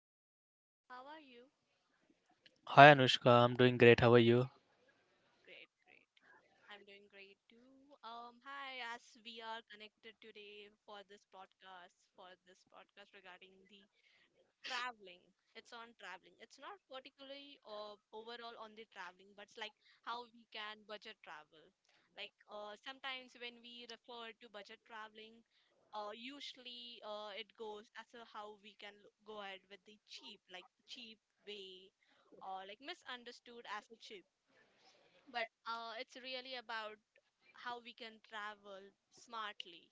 is Anushka. How are you? Hi Anushka, I'm doing great. How are you? Great, great. I'm doing great too. Hi, as we are connected today for this podcast, regarding the traveling it's On traveling, it's not particularly overall on the traveling, but it's like how we can budget travel. Like sometimes when we refer to budget traveling, usually it goes as a how we can go ahead with the cheap, like the cheap way, or like misunderstood as a cheap, but it's really about how we can travel smartly.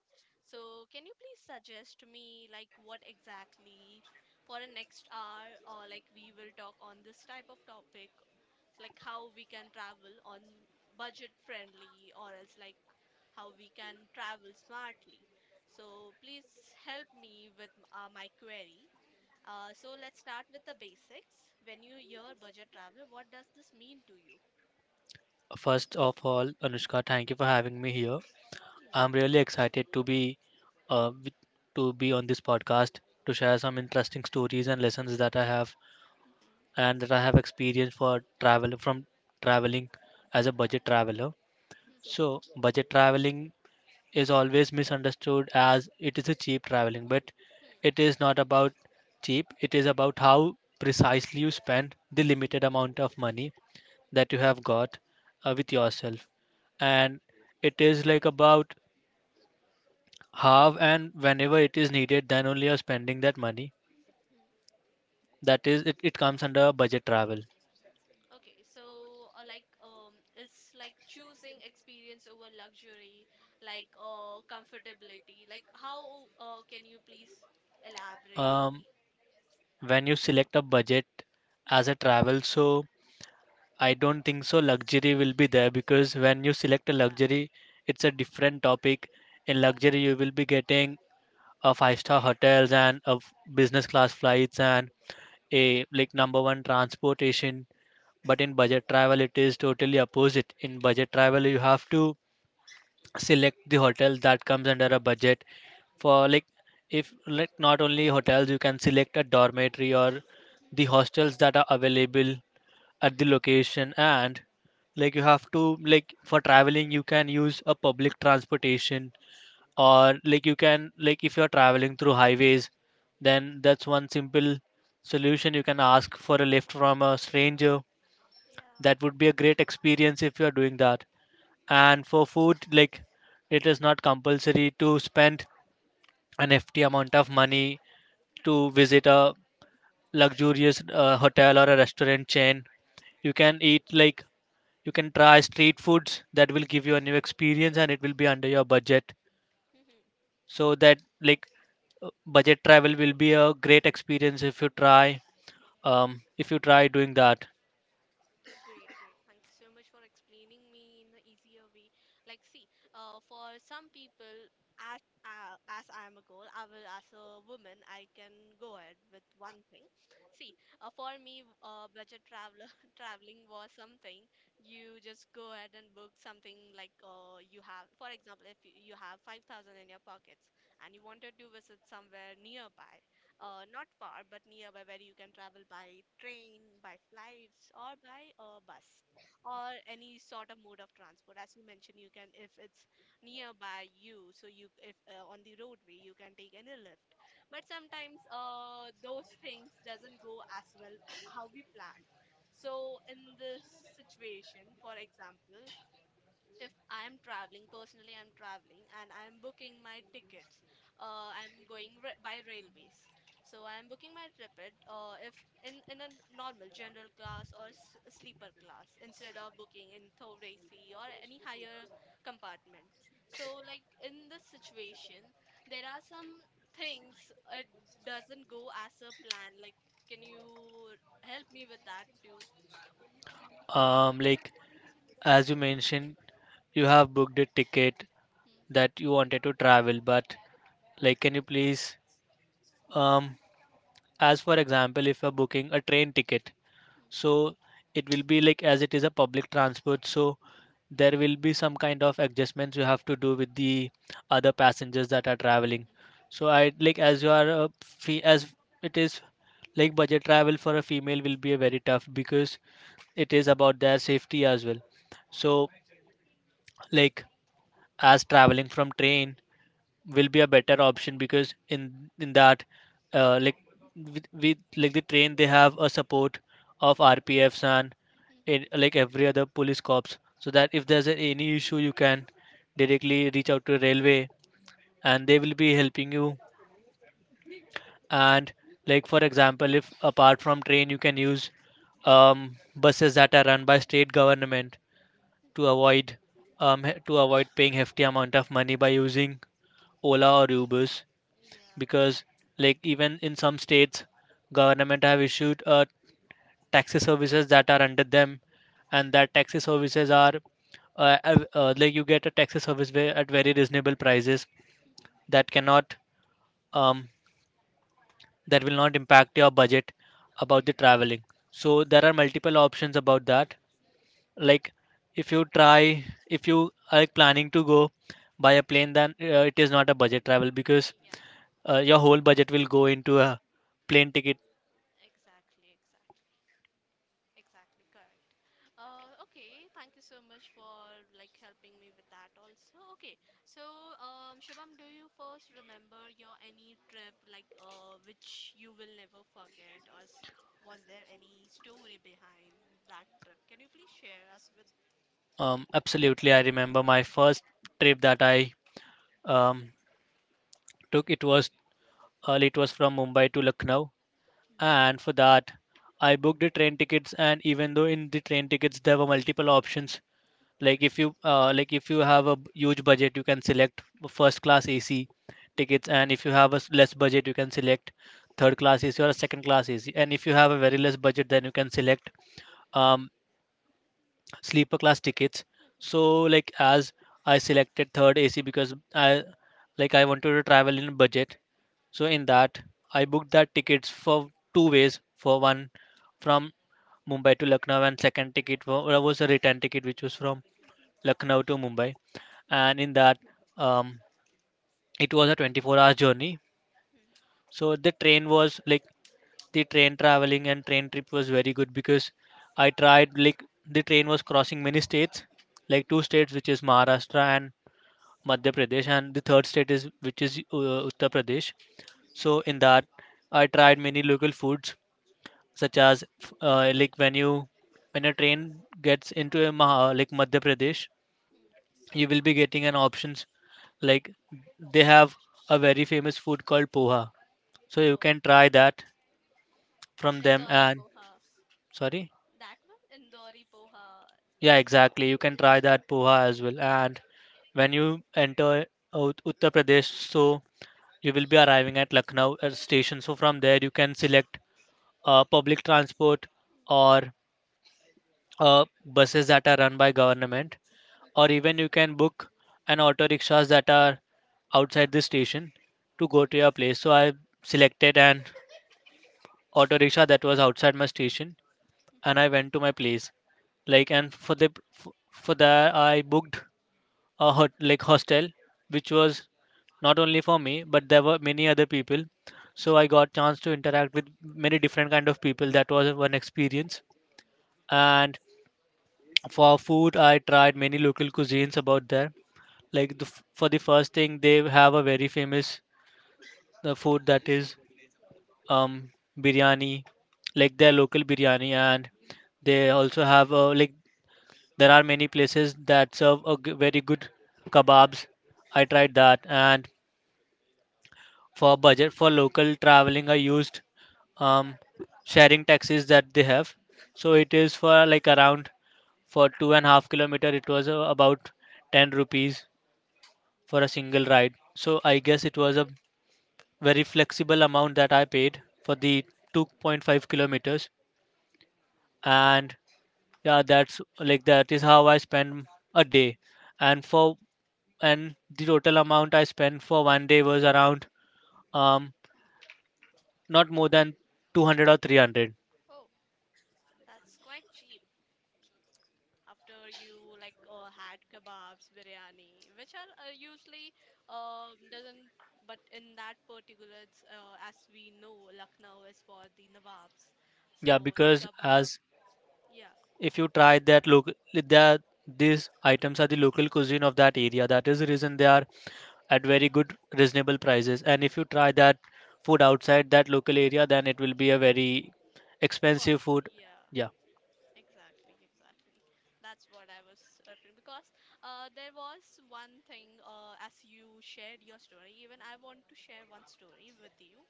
So, can you please suggest to me like what exactly for the next hour, or like we will talk on this type of topic, like how we can travel on budget friendly, or else like how we can travel smartly. So, please help me with my query. So let's start with the basics. When you hear budget travel, what does this mean to you? First of all, Anushka, thank you for having me here. Hmm. I'm really excited to uh, with, be on this podcast to share some interesting stories and lessons that Mhm. I have experienced for travel from traveling as a budget Hmm. traveler. Hmm. So, budget traveling is always misunderstood as it is a cheap traveling, but Hmm. it is not about cheap. It is about how precisely you spend the limited amount of money that you have got Hmm. Hmm. with yourself, and it is like about half and whenever it is needed then only you're spending that money. Hmm. That is it, it comes under budget travel. Okay, so it's like choosing experience over luxury, like comfortability. Like how can you please elaborate Um, me? when you select a budget as a Hmm. travel, so I don't think so luxury will be there, because when you select a Yeah, luxury it's a different topic. In luxury you will be getting a five-star hotels and business class flights and correct. a like number one transportation. But in budget travel it is totally opposite. In budget travel you have to select the hotel that comes under a budget Hmm. for like, if like not only hotels, you can select a dormitory or Hmm. the hostels that are available at the Mhm. location. And like you have to, like, for traveling you can use a public transportation, or like you can, like, if you're traveling through highways, then that's one simple solution: you can ask for a lift from a stranger. Yeah. That would be a great experience if you're doing that. And for food, like, it is not compulsory to spend an hefty amount of money to visit a luxurious hotel or a restaurant chain. You can eat, like, you can try street foods that will give you a new experience and it will be under your budget. Mhm. So that, like, budget travel will be a great experience if you try. Um, if you try doing that. Great, great. Thank you so much for explaining me in the easier way. Like, see, for some people, as as I am a girl, I will as a woman, I can go ahead with one thing. See, for me, budget traveler traveling was something you just go ahead and book something like you have. For example, if you have 5,000 in your pockets and you wanted to visit somewhere nearby, not far but nearby, where you can travel by train, by flights, or by bus or any sort of mode of transport. As you mentioned, you can if it's nearby you, so you if on the roadway you can take any lift. But sometimes those things doesn't go as well how we plan. So in this situation, for example, if I am traveling, personally, I'm traveling and I'm booking my tickets. I'm going by railways. So I'm booking my ticket if in a normal general class or sleeper class instead of booking in third AC or any higher compartment. So, like in this situation, there are some things it doesn't go as a plan. Like, can you help me with that too? Um, like as you mentioned, you have booked a ticket that you wanted to travel, but like can you please, um, as for example if you're booking a train ticket. So it will be like, as it is a public transport, so there will be some kind of adjustments you have to do with the other passengers that are traveling. So I, like, as you are a fe as it is, like budget travel for a female will be a very tough because it is about their safety as well. Yeah. So like, as traveling from train will be a better option because in that like, with like the train they have a support of RPFs and Hmm, hmm, hmm, in, like every other police corps, so that if there's a, hmm, any issue you can directly reach out to railway and they will be helping you. And like for example, if apart from train you can use buses that are run by hmm, state government hmm, hmm. to avoid to avoid paying hefty amount of money by using Ola or Ubers, Yeah, because correct. like even in some states government have issued taxi services that are under them, and that taxi services are like you get a taxi service at very reasonable prices Hmm, hmm, that cannot, um, that will not impact your budget hmm, about the hmm. traveling. So there are multiple options about that. Like if you try, if you are planning to go by a plane, then it is not a budget travel because Yeah, your whole budget will go into a plane ticket. exactly, exactly. Exactly, correct. Okay, thank you so much for like helping me with that also. Okay, so Shubham, do you first remember your any trip like which you will never forget, or was there any story behind that trip? Can you please share us with? Absolutely, I remember my first trip that I um, took. It was from Mumbai to Lucknow, Hmm. and for that, I booked the train tickets. And even though in the train tickets there were multiple options, like if you, like if you have a huge budget, you can select first class AC Mhm. tickets, and if you have a less budget, you can select third class AC or a second class AC. And if you have a very less budget, then you can select um, sleeper class tickets. Mhm. So like as I selected third AC because I, like, I wanted to travel in budget. So in Mhm. that I booked that tickets for two ways. For one, from Mumbai to Lucknow, and second ticket was a return ticket which was from Mhm. Mhm. Lucknow to Mumbai. And in that, um, it was a 24 hours journey. Mhm. So the train was like, the train traveling and train trip was very good because I tried like, the train was crossing many states, like two Mhm. states which is Maharashtra and Madhya Pradesh, and the third state is which is Uttar Pradesh. So in that, I tried many local foods such Mhm. as like, when you when a train gets into like Madhya Pradesh, Mhm. you will be getting an options like they have a very famous food called poha, so you Oh, can try that from them Indori and Poha. sorry. That one? Indori Poha. Yeah, exactly. You can try that poha as well. And when you enter out Uttar Pradesh, so you will be arriving at Lucknow station. So from there, you can select public transport or buses that are run by government, or even you can book an auto rickshaws that are outside the station to go Mhm. to your place. So I selected an auto rickshaw that was outside my station, Mhm. and I went to my place. Like, and for f- for that I booked a like hostel which was not only for me but there were many other people, so I got chance to interact with many different kind of people. That was one experience. And for food I tried many local cuisines about there, like for the first thing, they have a very famous, the food that is um biryani, like their local biryani. And they also have a like, there are many places that serve a very good kebabs. I tried that. And for budget, for local traveling, I used um, sharing taxis that they have. So it is for like around for 2.5 kilometer it was about 10 rupees for a single ride, so I guess Mhm. it was a very flexible amount that I paid for the Mhm. 2.5 kilometers. And yeah, that's like that is how I spend a day. And for, and the total amount I spent for one day was around um not more than 200 or 300. Oh, that's quite cheap. After you like had kebabs, biryani, which are usually doesn't, but in that particular, it's, as we know, Lucknow is for the nawabs, Yeah, so the because kebab, as yeah, if you try that local, that these items are the local cuisine of that area. That is the reason they are at very good, reasonable prices. And if you try that food outside that local area, then it will be a very of expensive course, food. yeah. Yeah. Exactly, exactly. That's what I was referring because there was one thing as you shared your story. Even I want to share one story with you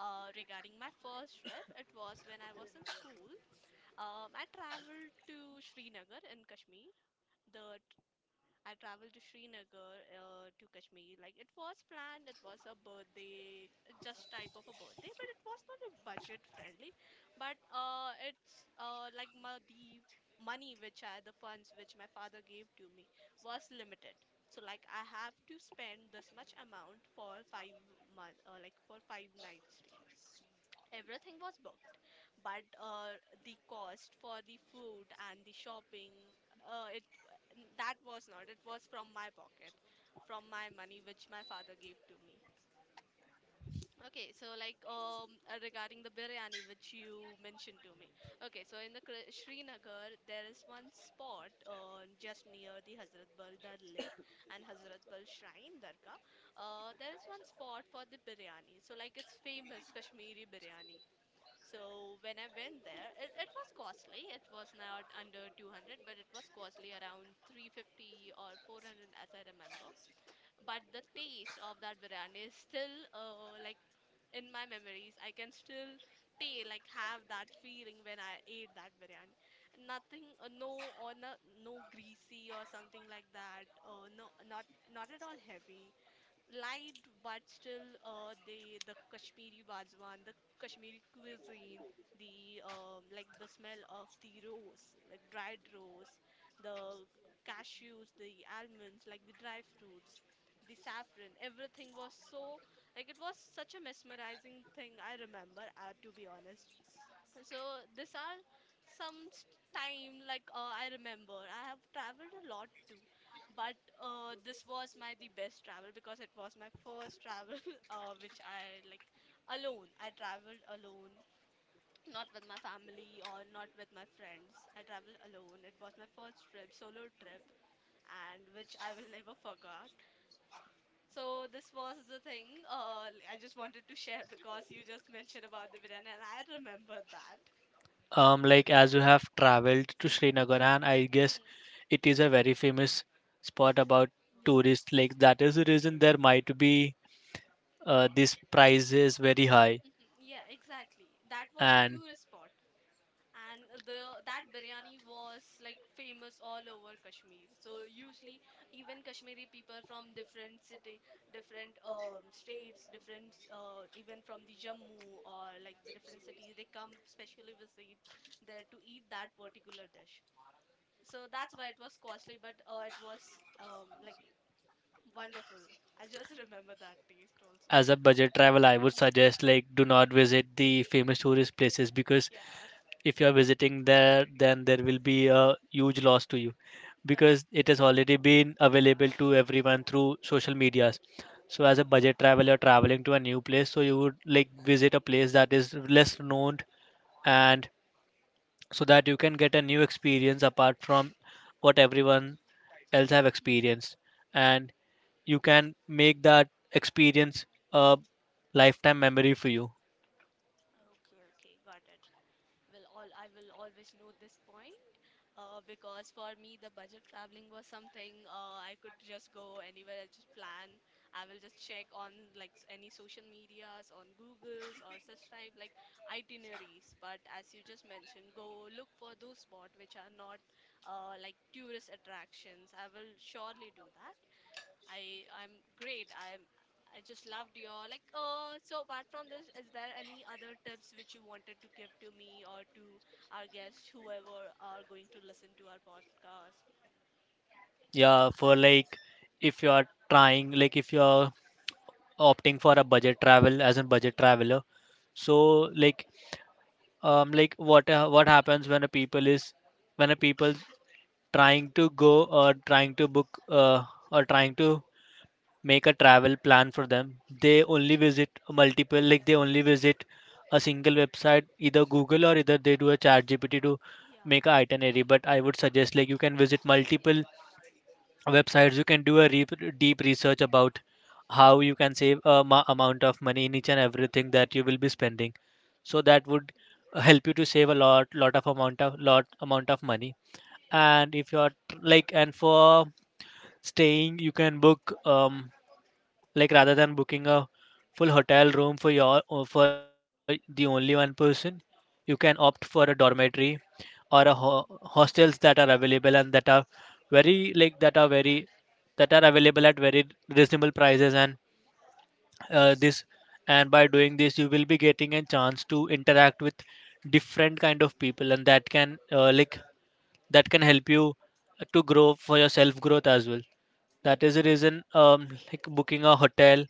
regarding my first trip. It was when I was in school. I traveled to Srinagar in Kashmir. The I traveled to Srinagar to Kashmir. Like it was planned, it was a birthday, just type of a birthday, but it was not a budget friendly. But it's like the money which I, the funds which my father gave to me was limited. So like I have to spend this much amount for 5 month, like for five nights stay. Everything was booked, but the cost for the food and the shopping, it that was not. It was from my pocket, from my money which my father gave to me. Okay, so like regarding the biryani which you mentioned to me. Okay, so in the Srinagar there is one spot just near the Hazrat Bal Dar Lake and Hazrat Bal Shrine Dargah. There is one spot for the biryani. So like it's famous Kashmiri biryani. So when I went there, it was costly. It was not under 200, but it was costly around 350 or 400 as I remember. But the taste of that biryani is still like in my memories. I can still taste like have that feeling when I ate that biryani. Nothing, no or no greasy or something like that. No, not not at all heavy light, but still the Kashmiri wazwan, the Kashmiri cuisine, the like the smell of the rose, like dried rose, the cashews, the almonds, like the dry fruits, the saffron. Everything was so like it was such a mesmerizing thing. I remember, to be honest. So these are some time like I remember. I have traveled a lot too, but this was my the best travel because it was my first travel which I like alone. I traveled alone, not with my family or not with my friends. I traveled alone. It was my first trip, solo trip, and which I will never forget. So this was the thing I just wanted to share because you just mentioned about the biryani and I remember that. Like, as you have traveled to Srinagar, and I guess Hmm. it is a very famous spot about Yeah. tourists. Like that is the reason there might be these prices very high. Mm, yeah, exactly. That was a And tourist spot, and the that biryani was like famous all over Kashmir. So usually, even Kashmiri people from different city, different states, different even from the Jammu or like the different cities, they come specially visit there to eat that particular dish. So that's why it was costly, but it was like wonderful. I just remember that taste also. as a budget travel I would Hmm. suggest like do not visit the famous tourist places, because Yeah. if you are visiting there then there will be a huge loss to you because Correct. it has already been available to everyone through social medias. So as a Mhm. budget travel, you are traveling to a new place, so you would like visit a place that is less known, and so that you can get a new experience apart from what everyone else have Mhm. experienced, and you can make that experience a lifetime memory for you. Okay, okay, got it. Will all I will always note this point. Because for me, the budget traveling was something I could just go anywhere. I just plan. I will just check on like any social medias, on Google's or such type like itineraries. But as you just mentioned, go look for those spots which are not like tourist attractions. I will surely do that. I'm great. I'm I just loved your like so apart from this, is there any other tips which you wanted to give to me or to our guests, whoever are going to listen to our podcast? Yeah, for like if you are trying, like if you are opting for a budget travel as a budget Hmm. traveler. So like, like what, what happens when a people is when a people trying to go or trying to book, or trying to make a travel plan for them, they only Hmm. visit multiple, like they only visit a single website, either Google or either they do a chat GPT to Yeah. make a itinerary. But I would suggest like you can visit multiple websites, you can do a Hmm. deep research about how you can save amount of money in each and everything that you will be spending, so that would help you to save a lot, lot of amount of, lot amount of money. Hmm. Hmm. And if you're like, and for staying you can book like rather than booking a full hotel room for your or for the only one person, you can opt for a dormitory or hostels that are available and that are very, like, that are very, that are available at very reasonable prices. And this and by doing this you will be getting a chance to interact with different kind of people and that can, like that can help you to grow for your self growth as well. Hmm. That Hmm. is the reason, Hmm. Like, booking a hotel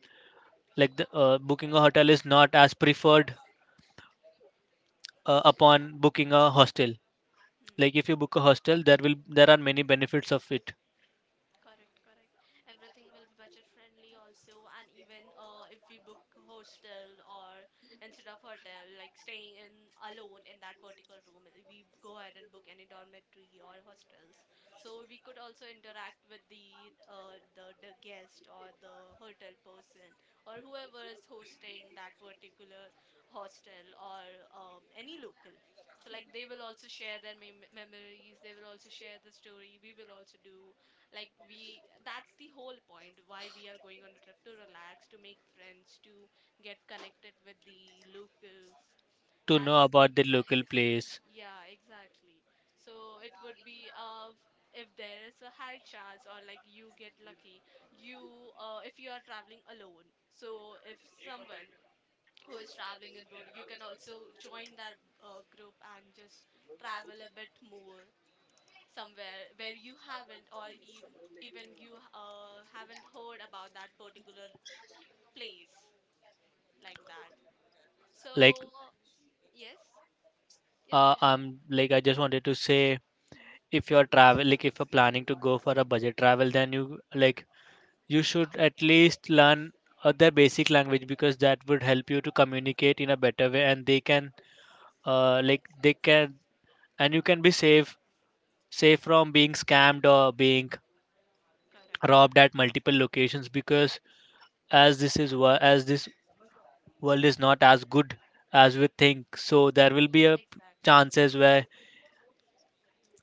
like booking a hotel is not as preferred upon booking a Hostel, Hmm. Hmm. Hmm. like if you book a Hmm. hostel there are many benefits of it Correct, correct. Everything will be budget friendly also, and even if we book hostel or instead of hotel, like staying in alone in that particular room, we go ahead and book any dormitory or hostel. So we could also interact with the the guest or the hotel person or whoever is hosting that particular hostel or any local. So like they will also share their memories. They will also share the story. We will also do like we. That's the whole point why we are going on a trip to relax, to make friends, to get connected with the locals. to know That's the about the local place. Yeah, exactly. So it would be if there is a high chance or like you get lucky, you if you are traveling alone. So if someone who is traveling in boat, you can also join that group and just travel a bit more somewhere where you haven't or ev even you haven't heard about that particular place like that. Like So yes, yes, please go ahead. I'm like I just wanted to say Mhm. if you're travel like if you're planning to go for a budget travel, then you like you should at least learn other basic language, because that would help you to communicate in a better way, and they can they can and you can be safe from being scammed Mhm. or being Correct, robbed correct. at multiple locations. Because as this is wo- as this world is not as good as we think, so there will be E- a Exactly. chances where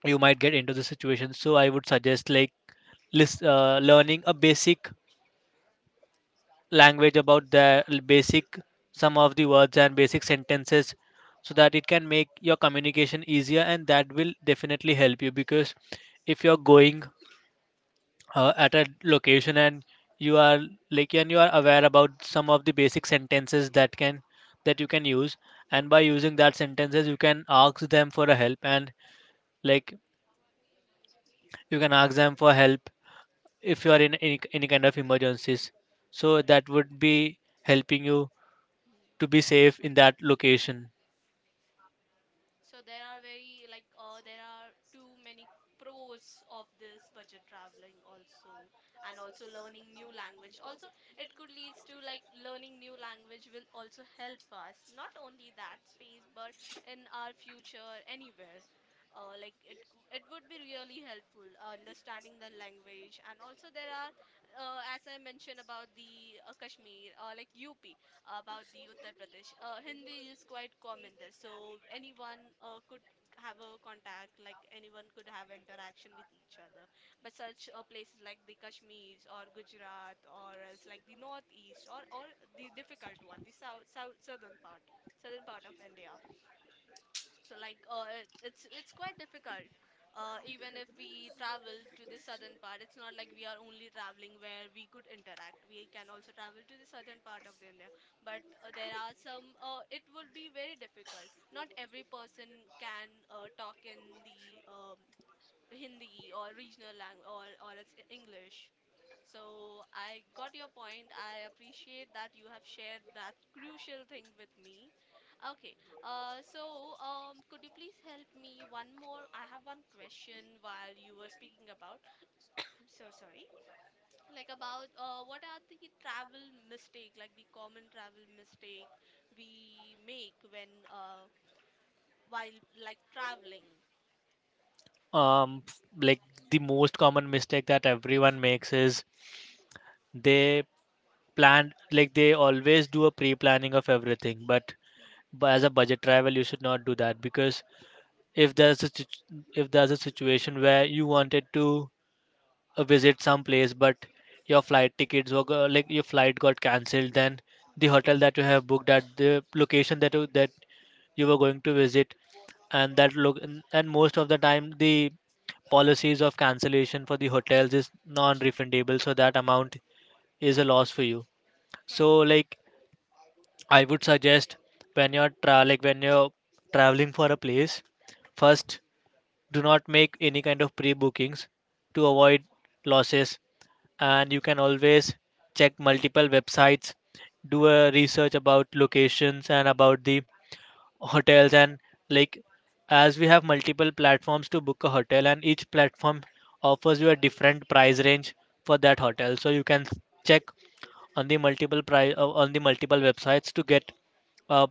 you might get into the situation. So I would suggest like learning a basic language, about the basic some of the words and basic sentences, so that it can make your communication easier, and that will definitely help you. Because if you're going at a location and you are like and you are aware about some of the basic sentences that can that you can use, and by Mm, using that sentences you can ask them for a help and like you can ask them for help if you are in any kind of emergencies, so correct, that would correct. be helping you Hmm. to be safe in that location. So there are very like there are too many pros of this budget traveling also, and also learning new language also, it could leads to like learning new language will also help us not only that space but in our future anywhere, like it would be really helpful understanding the language, and also there are as I mentioned about the kashmir like up about the Uttar Pradesh. Hindi is quite common there, so anyone could have a contact, like anyone could have interaction with each other. But such places like the Kashmirs or Gujarat or else like the northeast or the difficult one, the south, southern part of India. So like it's quite difficult. Even if we travel to the southern part, it's not like we are only traveling where we could interact. We can also travel to the southern part of the India, but there are some. It would be very difficult. Not every person can talk in the Hindi or regional lang, or it's E, English. So I got your point. I appreciate that you have shared that crucial thing with me. Okay. Could you please help me one more? I have one question while you were speaking about. I'm so sorry. Like about what are the travel mistake, like the common travel mistake we make when while like traveling? um f- like the most common mistake that everyone makes is they plan, like they always do a pre-planning of everything, Hmm. but as a budget travel you should not do that, because if there's a situ- if there's a situation where you wanted to visit some place but your flight tickets were go- like your flight got cancelled, then the hotel that you have booked at the location that that you were going to visit, and that Hmm. look and most of the time the policies of cancellation for the Hmm. hotels is non refundable, so that amount is a loss for you. So Correct. like I would suggest, when you're traveling for a place, Hmm. first do not make any kind of pre-bookings to Hmm. avoid losses, and you Hmm. can always check multiple websites, do a research about locations and about the hotels and like, as we have multiple platforms to book a hotel, and each platform offers you a different price range for that hotel, so you can check on the multiple websites to get a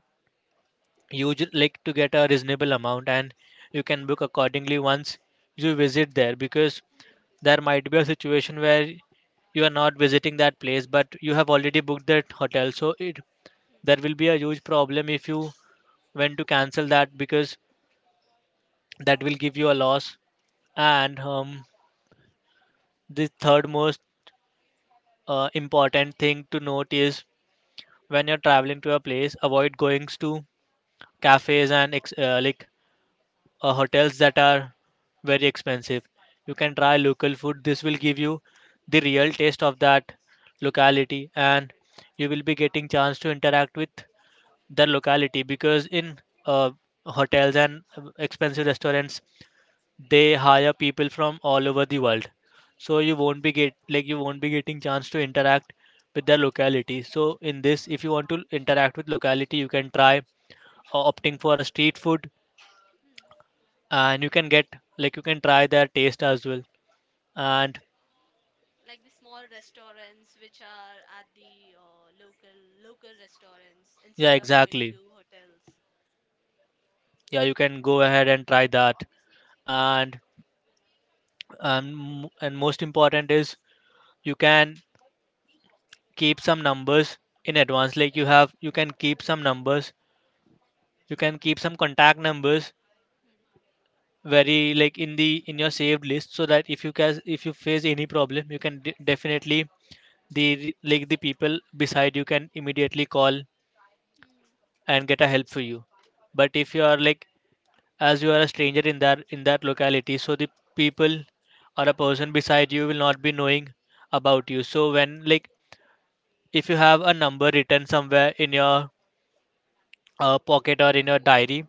you would like to get a reasonable amount, and you can book accordingly once you visit there. Because Mhm. there might be a situation where you are not visiting that place but you have already booked that hotel, so it Hmm. there will be a huge problem if you went to cancel that, because that will give you a loss. And the third most important thing to note is when you're traveling to a place, avoid going to cafes and hotels that are very expensive. You can try local food. This will give you the real taste of that locality, and Correct. you will be getting chance to interact with the locality, because in uh, hotels and expensive restaurants they hire people from all over the world. So you won't be get like you won't be getting chance to interact with the locality. So in this, Mhm. if you want to interact with locality, you can try opting for a street food, Hmm. and you can get like you can try their taste as well. And Like the small restaurants which are at the local restaurants yeah, instead of going exactly, to hotels. yeah, you can go ahead and try Mhm. that. And and most important is you can keep some numbers in advance. Hmm. Hmm. Like you have you can keep some numbers, you can keep some contact numbers, Hmm. very like in the in your saved list, so that if you can if you face any problem you can definitely the like the people beside you can immediately call Hmm. and get a help for you. But if you are like, as you are a stranger in that locality, so the people or a person beside you will not be knowing about you, so when like if you have a number written somewhere in your pocket or in your diary,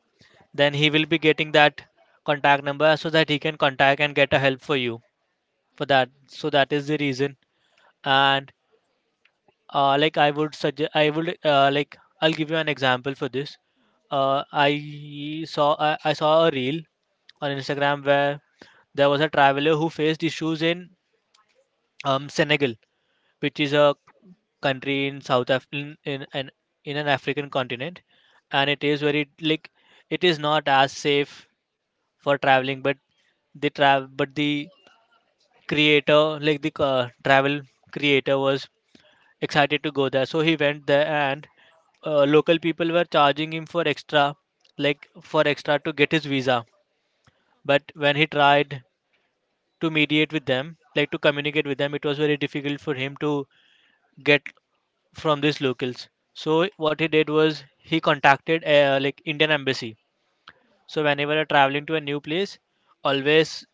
then he will be getting that contact number so that he can contact and get a help for you Hmm. for that. Hmm. So that is the reason. And like I would suggest I would like I'll give you an example for this. Hmm. Sure. Uh, i saw I, I saw a reel on Instagram where there was a traveler who faced issues in Senegal, which is a Mm, country in south Af- in an African continent. And it is very like it is not as safe for traveling, but the creator, like the travel creator, was excited to go there. So he went there, and local people were charging him for like mm, for mm. extra to get his visa. Okay. But when he tried to mediate with them, like to communicate with them, it was very difficult for him to get from these locals. So what he Mhm, did was he contacted Indian embassy. mhm. So whenever you're traveling to a new place, always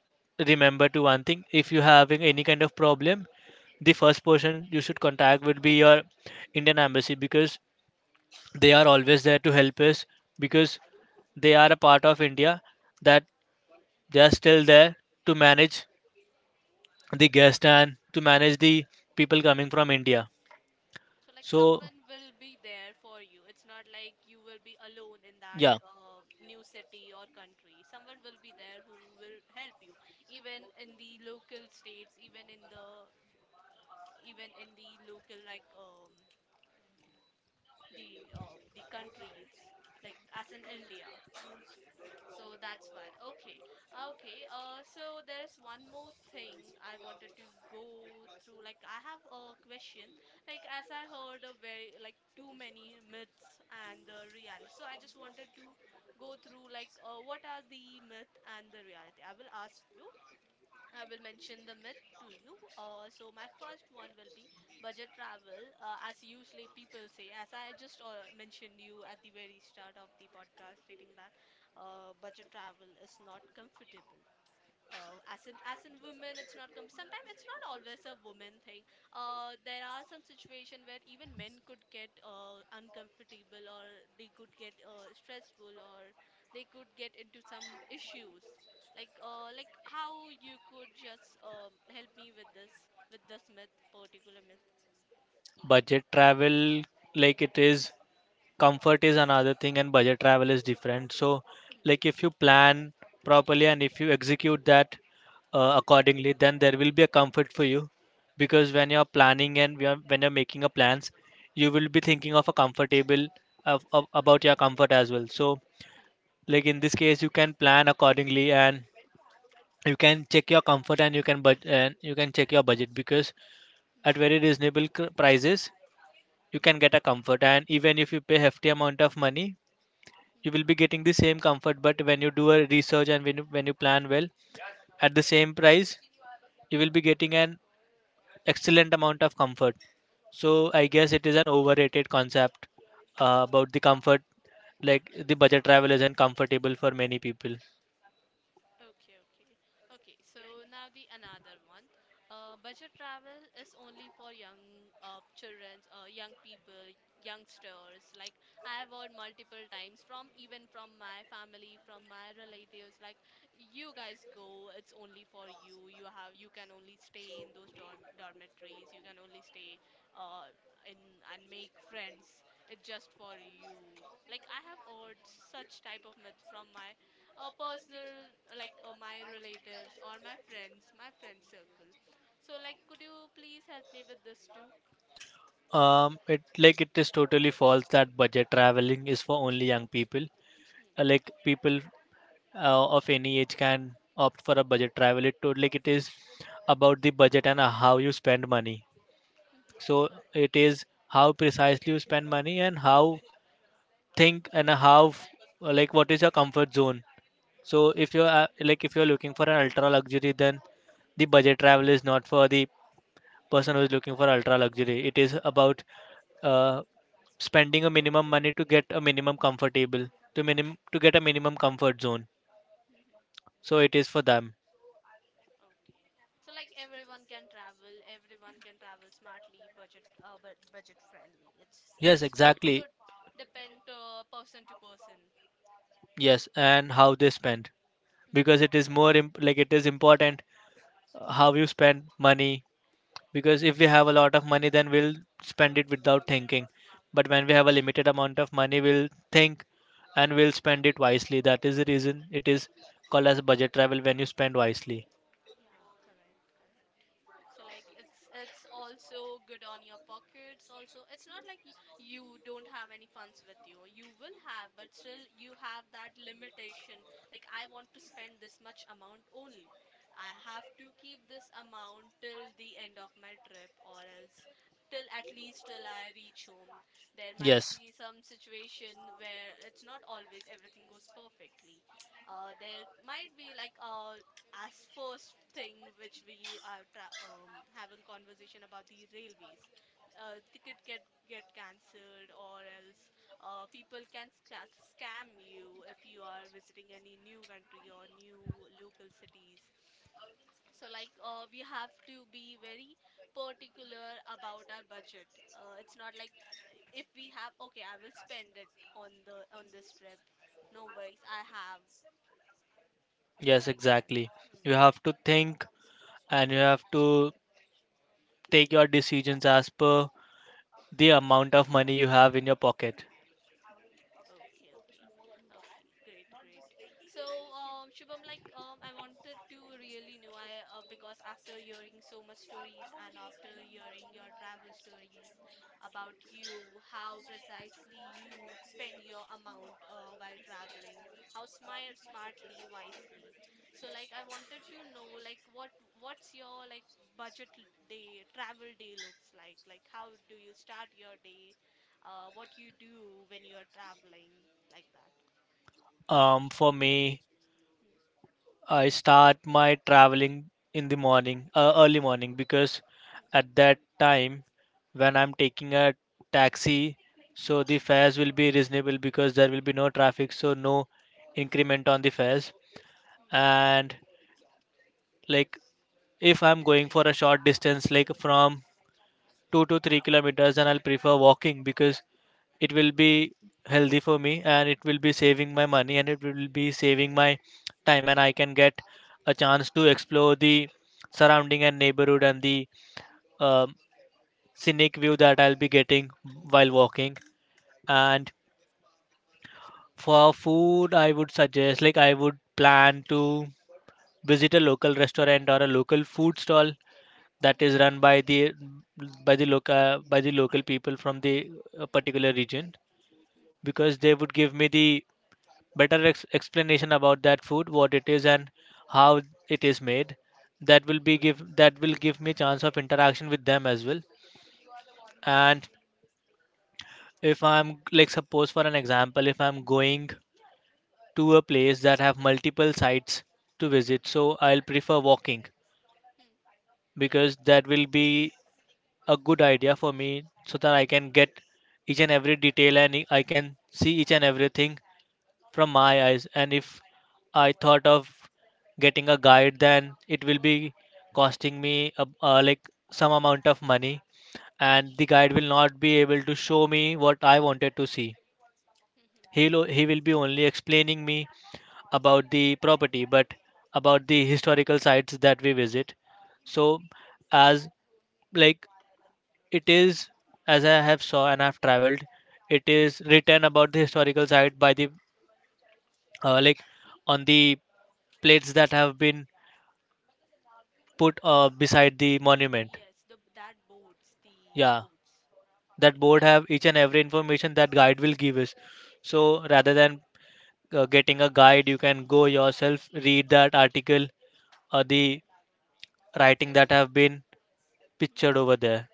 remember to one thing: if you're having any kind of problem, the first person you should contact would be your Indian embassy, because they are always there to help us, because they are a part of India, that they are still there to manage the guest and to manage the people coming from India. So like So someone will be there for you. It's not like you will be alone in that yeah, new city or country. Someone will be there who will help you, even in the local states, even in the local the countries like as in India. So that's why. Okay. Okay. So there is one more thing I wanted to go through. Like I have a question. Like as I heard a very like too many myths and the reality. So I just wanted to go through like what are the myth and the reality. I will ask you I will mention the myth to you. So my first one will be budget travel, as usually people say. As I just mentioned you at the very start of the podcast, stating that budget travel is not comfortable. Oh, as an woman, it's not come. Sometimes it's not always a woman thing. There are some situation where even men could get uncomfortable, or they could get stressful, or they could get into some issues. Like how you could just help me with this myth, particular myth. budget travel, like it is comfort is another thing and budget travel is different. So Hmm. Hmm. like if you plan properly and if you execute that accordingly, then there will be a comfort for you. Hmm. Because when you're planning and we are- when you're making a plans, you will be thinking of a comfortable Hmm. About your comfort as well. So Hmm. Hmm. like in this case you can plan accordingly, and you can check your comfort and you can check your budget. Because Hmm. at very prices you can get a comfort, and even if you pay hefty amount of money you Hmm. will be getting the same comfort, but when you do a research and when you plan well, at the same price you will be getting an excellent amount of comfort. So Hmm. Hmm. I guess it is an overrated concept Hmm. about the comfort, like the budget travel isn't comfortable for many people. Okay, okay. Okay, so now the another one. Budget travel is only for young children, young people, youngsters. Like I have heard multiple times from even from my family, from my relatives, like you guys go, it's only for you. You have you can only stay in those dormitories. You can only stay uh in and make friends. It's just for you. Like I have heard such type of myth from my personal like my relatives or my friend circle. So like could you please help me with this too? It like it is totally false that budget traveling is for only young people. Hmm. Like people of any age can opt for a budget travel. It to like It is about the budget and how you spend money. Hmm. So Correct. it is how precisely you spend money, and how think and how f- like what is your comfort zone. So if you're like if you're looking for an ultra luxury, then the budget travel is not for the person who is looking for ultra luxury. It is Hmm. Hmm. about uh, spending a minimum money to get a minimum comfortable to minim to get a minimum comfort zone. Hmm. So it is for them. Okay. So like everyone can travel, everyone can travel smartly, budget but budget friendly, Yes, it's to exactly. depend to person to person. Yes, and how they spend. Because it Hmm. is more imp- like it is important how you spend money. Because if we have a lot of money, then we'll spend it without thinking, but when we Correct. have a limited amount of money, we'll think and we'll spend it wisely. That is the Mhm. reason it is called as budget travel, when you spend wisely. Yeah, correct, correct. So like it's also good on your pockets also. It's not like you don't have any funds with you. You will have, but still you have that limitation. Like I want to spend this much amount only. I have to keep this amount till the end of my trip, or else till at least till I reach home. There might be some situation where it's not always everything goes perfectly. There might be like as first thing which we are having conversation about the railways ticket get cancelled, or else people can scam you if you are visiting any new country or new local cities. So like we have to be very particular about our budget. It's not like if we have, okay, I will spend it on the on this trip, no worries, I have Yes, like that. exactly. Hmm. You have to think, and you have to take your decisions as per the amount of money you have in your pocket. Hmm. Okay, okay, okay, great, great. So, Shubham, like, I wanted to really know, I because after hearing so much stories and after hearing your travel stories about you, how precisely you spend your amount while traveling, how smart, smartly, wisely. So like I wanted to know like what what's your like budget day travel day looks like? Like how do you start your day? What you do when you are traveling like that? For me, Hmm. I start my traveling in the morning, early morning, because Hmm. Hmm. at that time when I'm taking a taxi, so the Hmm. fares will be reasonable, because there will be no traffic, so no increment on the fares. And like if I'm going for a short distance, like from 2 to 3 kilometers, and I'll prefer walking, because it will be healthy for me and it will be saving my money and it will be saving my time, and I can get a chance to explore the surrounding and neighborhood and the um scenic view that I'll be getting while walking. And for food I would suggest like I would plan to visit a local restaurant or a local food stall that is run by the by the local people from the particular region, because they would give me the better explanation about that food, what it is and how it is made. That will be give that will give me chance of interaction with them as well. And if I'm like, suppose for an example, if I'm going to a place that have multiple sites to visit, so I'll prefer walking, because that will be a good idea for me, so that I can get each and every detail and I can see each and everything from my eyes. And if I thought of getting a guide, then it will be costing me a, like some amount of money, and the guide will not be able to show me what I wanted to see. 嗯 He will be only explaining me about the property, but about the historical sites that we visit. 嗯 So, as like it is, as I have saw and I've traveled, it is written about the historical site by the uh, like on the plates that have been put beside the monument. Yes, the that boats, the Yeah, boats. that board Yeah. have each and every information that Mhm. guide will give us. Yeah. So rather than getting a guide, you can go yourself, read that article or the writing that have been pictured over Hmm. there.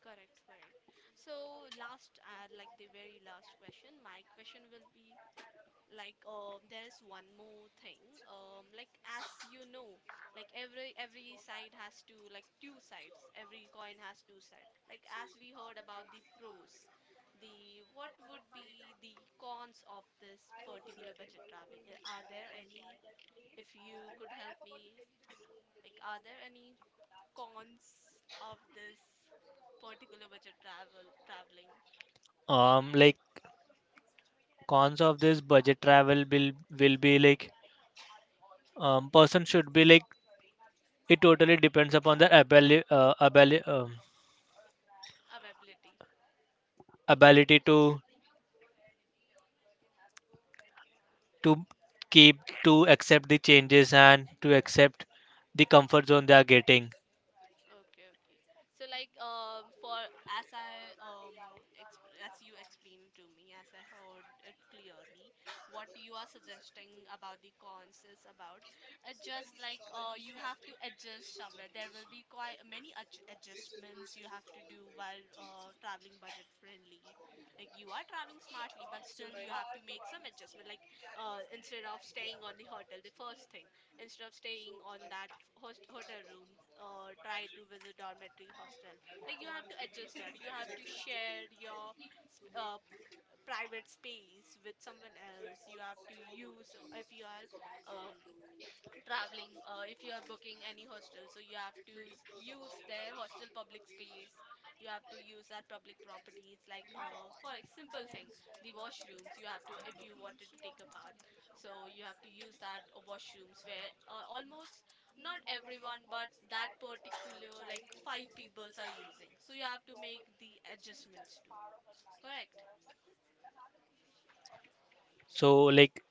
Correct, correct. So last, like the very last question, my question will be, like there is one more thing, like as you know, like every side has two, like two sides, every coin has two sides. Like as we heard about the pros, the what would be the cons of this particular budget traveling? Are there any, if you could help me, like are there any cons of this particular budget travel traveling? Like cons of this budget travel will be like person should be like it totally depends upon their Availability. ability to to keep to accept the changes and to accept the comfort zone they are getting. Okay, okay. So like for as I exp as you explained to me, as I heard it clearly, what you are suggesting about the cons is about just like you have to adjust somewhere. There will be quite many adjustments you have to do while traveling budget friendly. Like you are traveling smartly, but still you have to make some adjustment. Like instead of staying on the hotel, the first thing, instead of staying on that f- host hotel room, try to visit dormitory hostel. Like you have to adjust that you have to share your sp- uh, private space with someone else. You have to use if you are um, traveling if you are booking any hostel, so you have to use their hostel public space. You have to use their public properties. Like for a simple thing, the washrooms, you have to, if you wanted to take a bath, so you have to use that washrooms where almost not everyone, but that particular like five peoples are using, so you have to make the adjustments too, correct. So like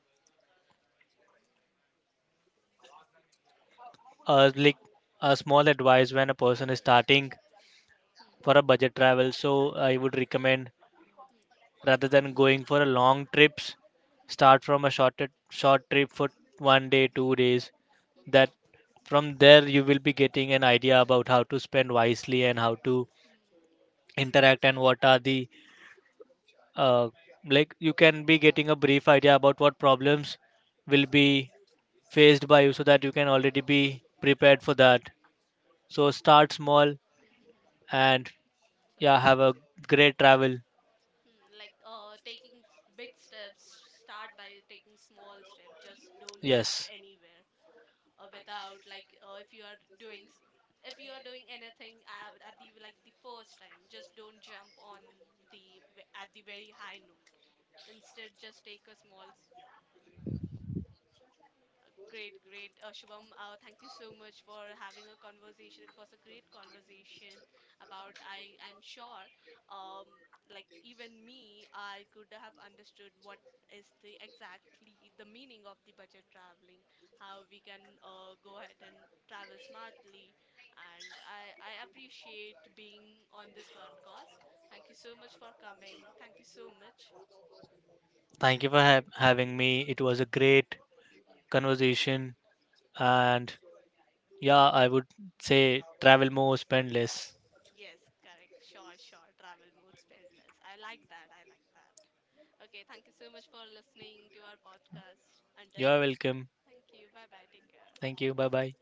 uh, like a small advice, Hmm, when a person is hmm, starting for a hmm, budget travel, so I would recommend, hmm, rather than going for a long trips, hmm, start from a short trip for one day 2 days, hmm, hmm, hmm, that from there you will be getting an idea about how to spend wisely and how to hmm, interact and what are the uh, you can be getting a brief idea about what problems will be faced by you, so that you can already be prepared for that. So start small. hmm, hmm, hmm. And So yeah, have a great travel. hmm, like taking big steps, start by taking small steps. Just don't jump Yes, anywhere without like if you are doing if you are doing anything at the like the first time, just don't jump on at the very high note. Instead, just take a small s- Great, great. Shubham, thank you so much for having a conversation. It was a great conversation about, I'm sure, um, like even me, I could have understood what is the exactly the meaning of the budget traveling, how we can go ahead and travel smartly. And I appreciate being on this podcast. Thank you so much for coming. Thank you so much. thank you for having me. It was a great conversation. And yeah, I would say travel more, spend less. Yes, correct. Sure, sure. Travel mood, spend less. I like that. I like that. Okay, thank you so much for listening to our podcast. Until You're next time. welcome. Thank you. Bye bye. Take care. Thank you, bye bye.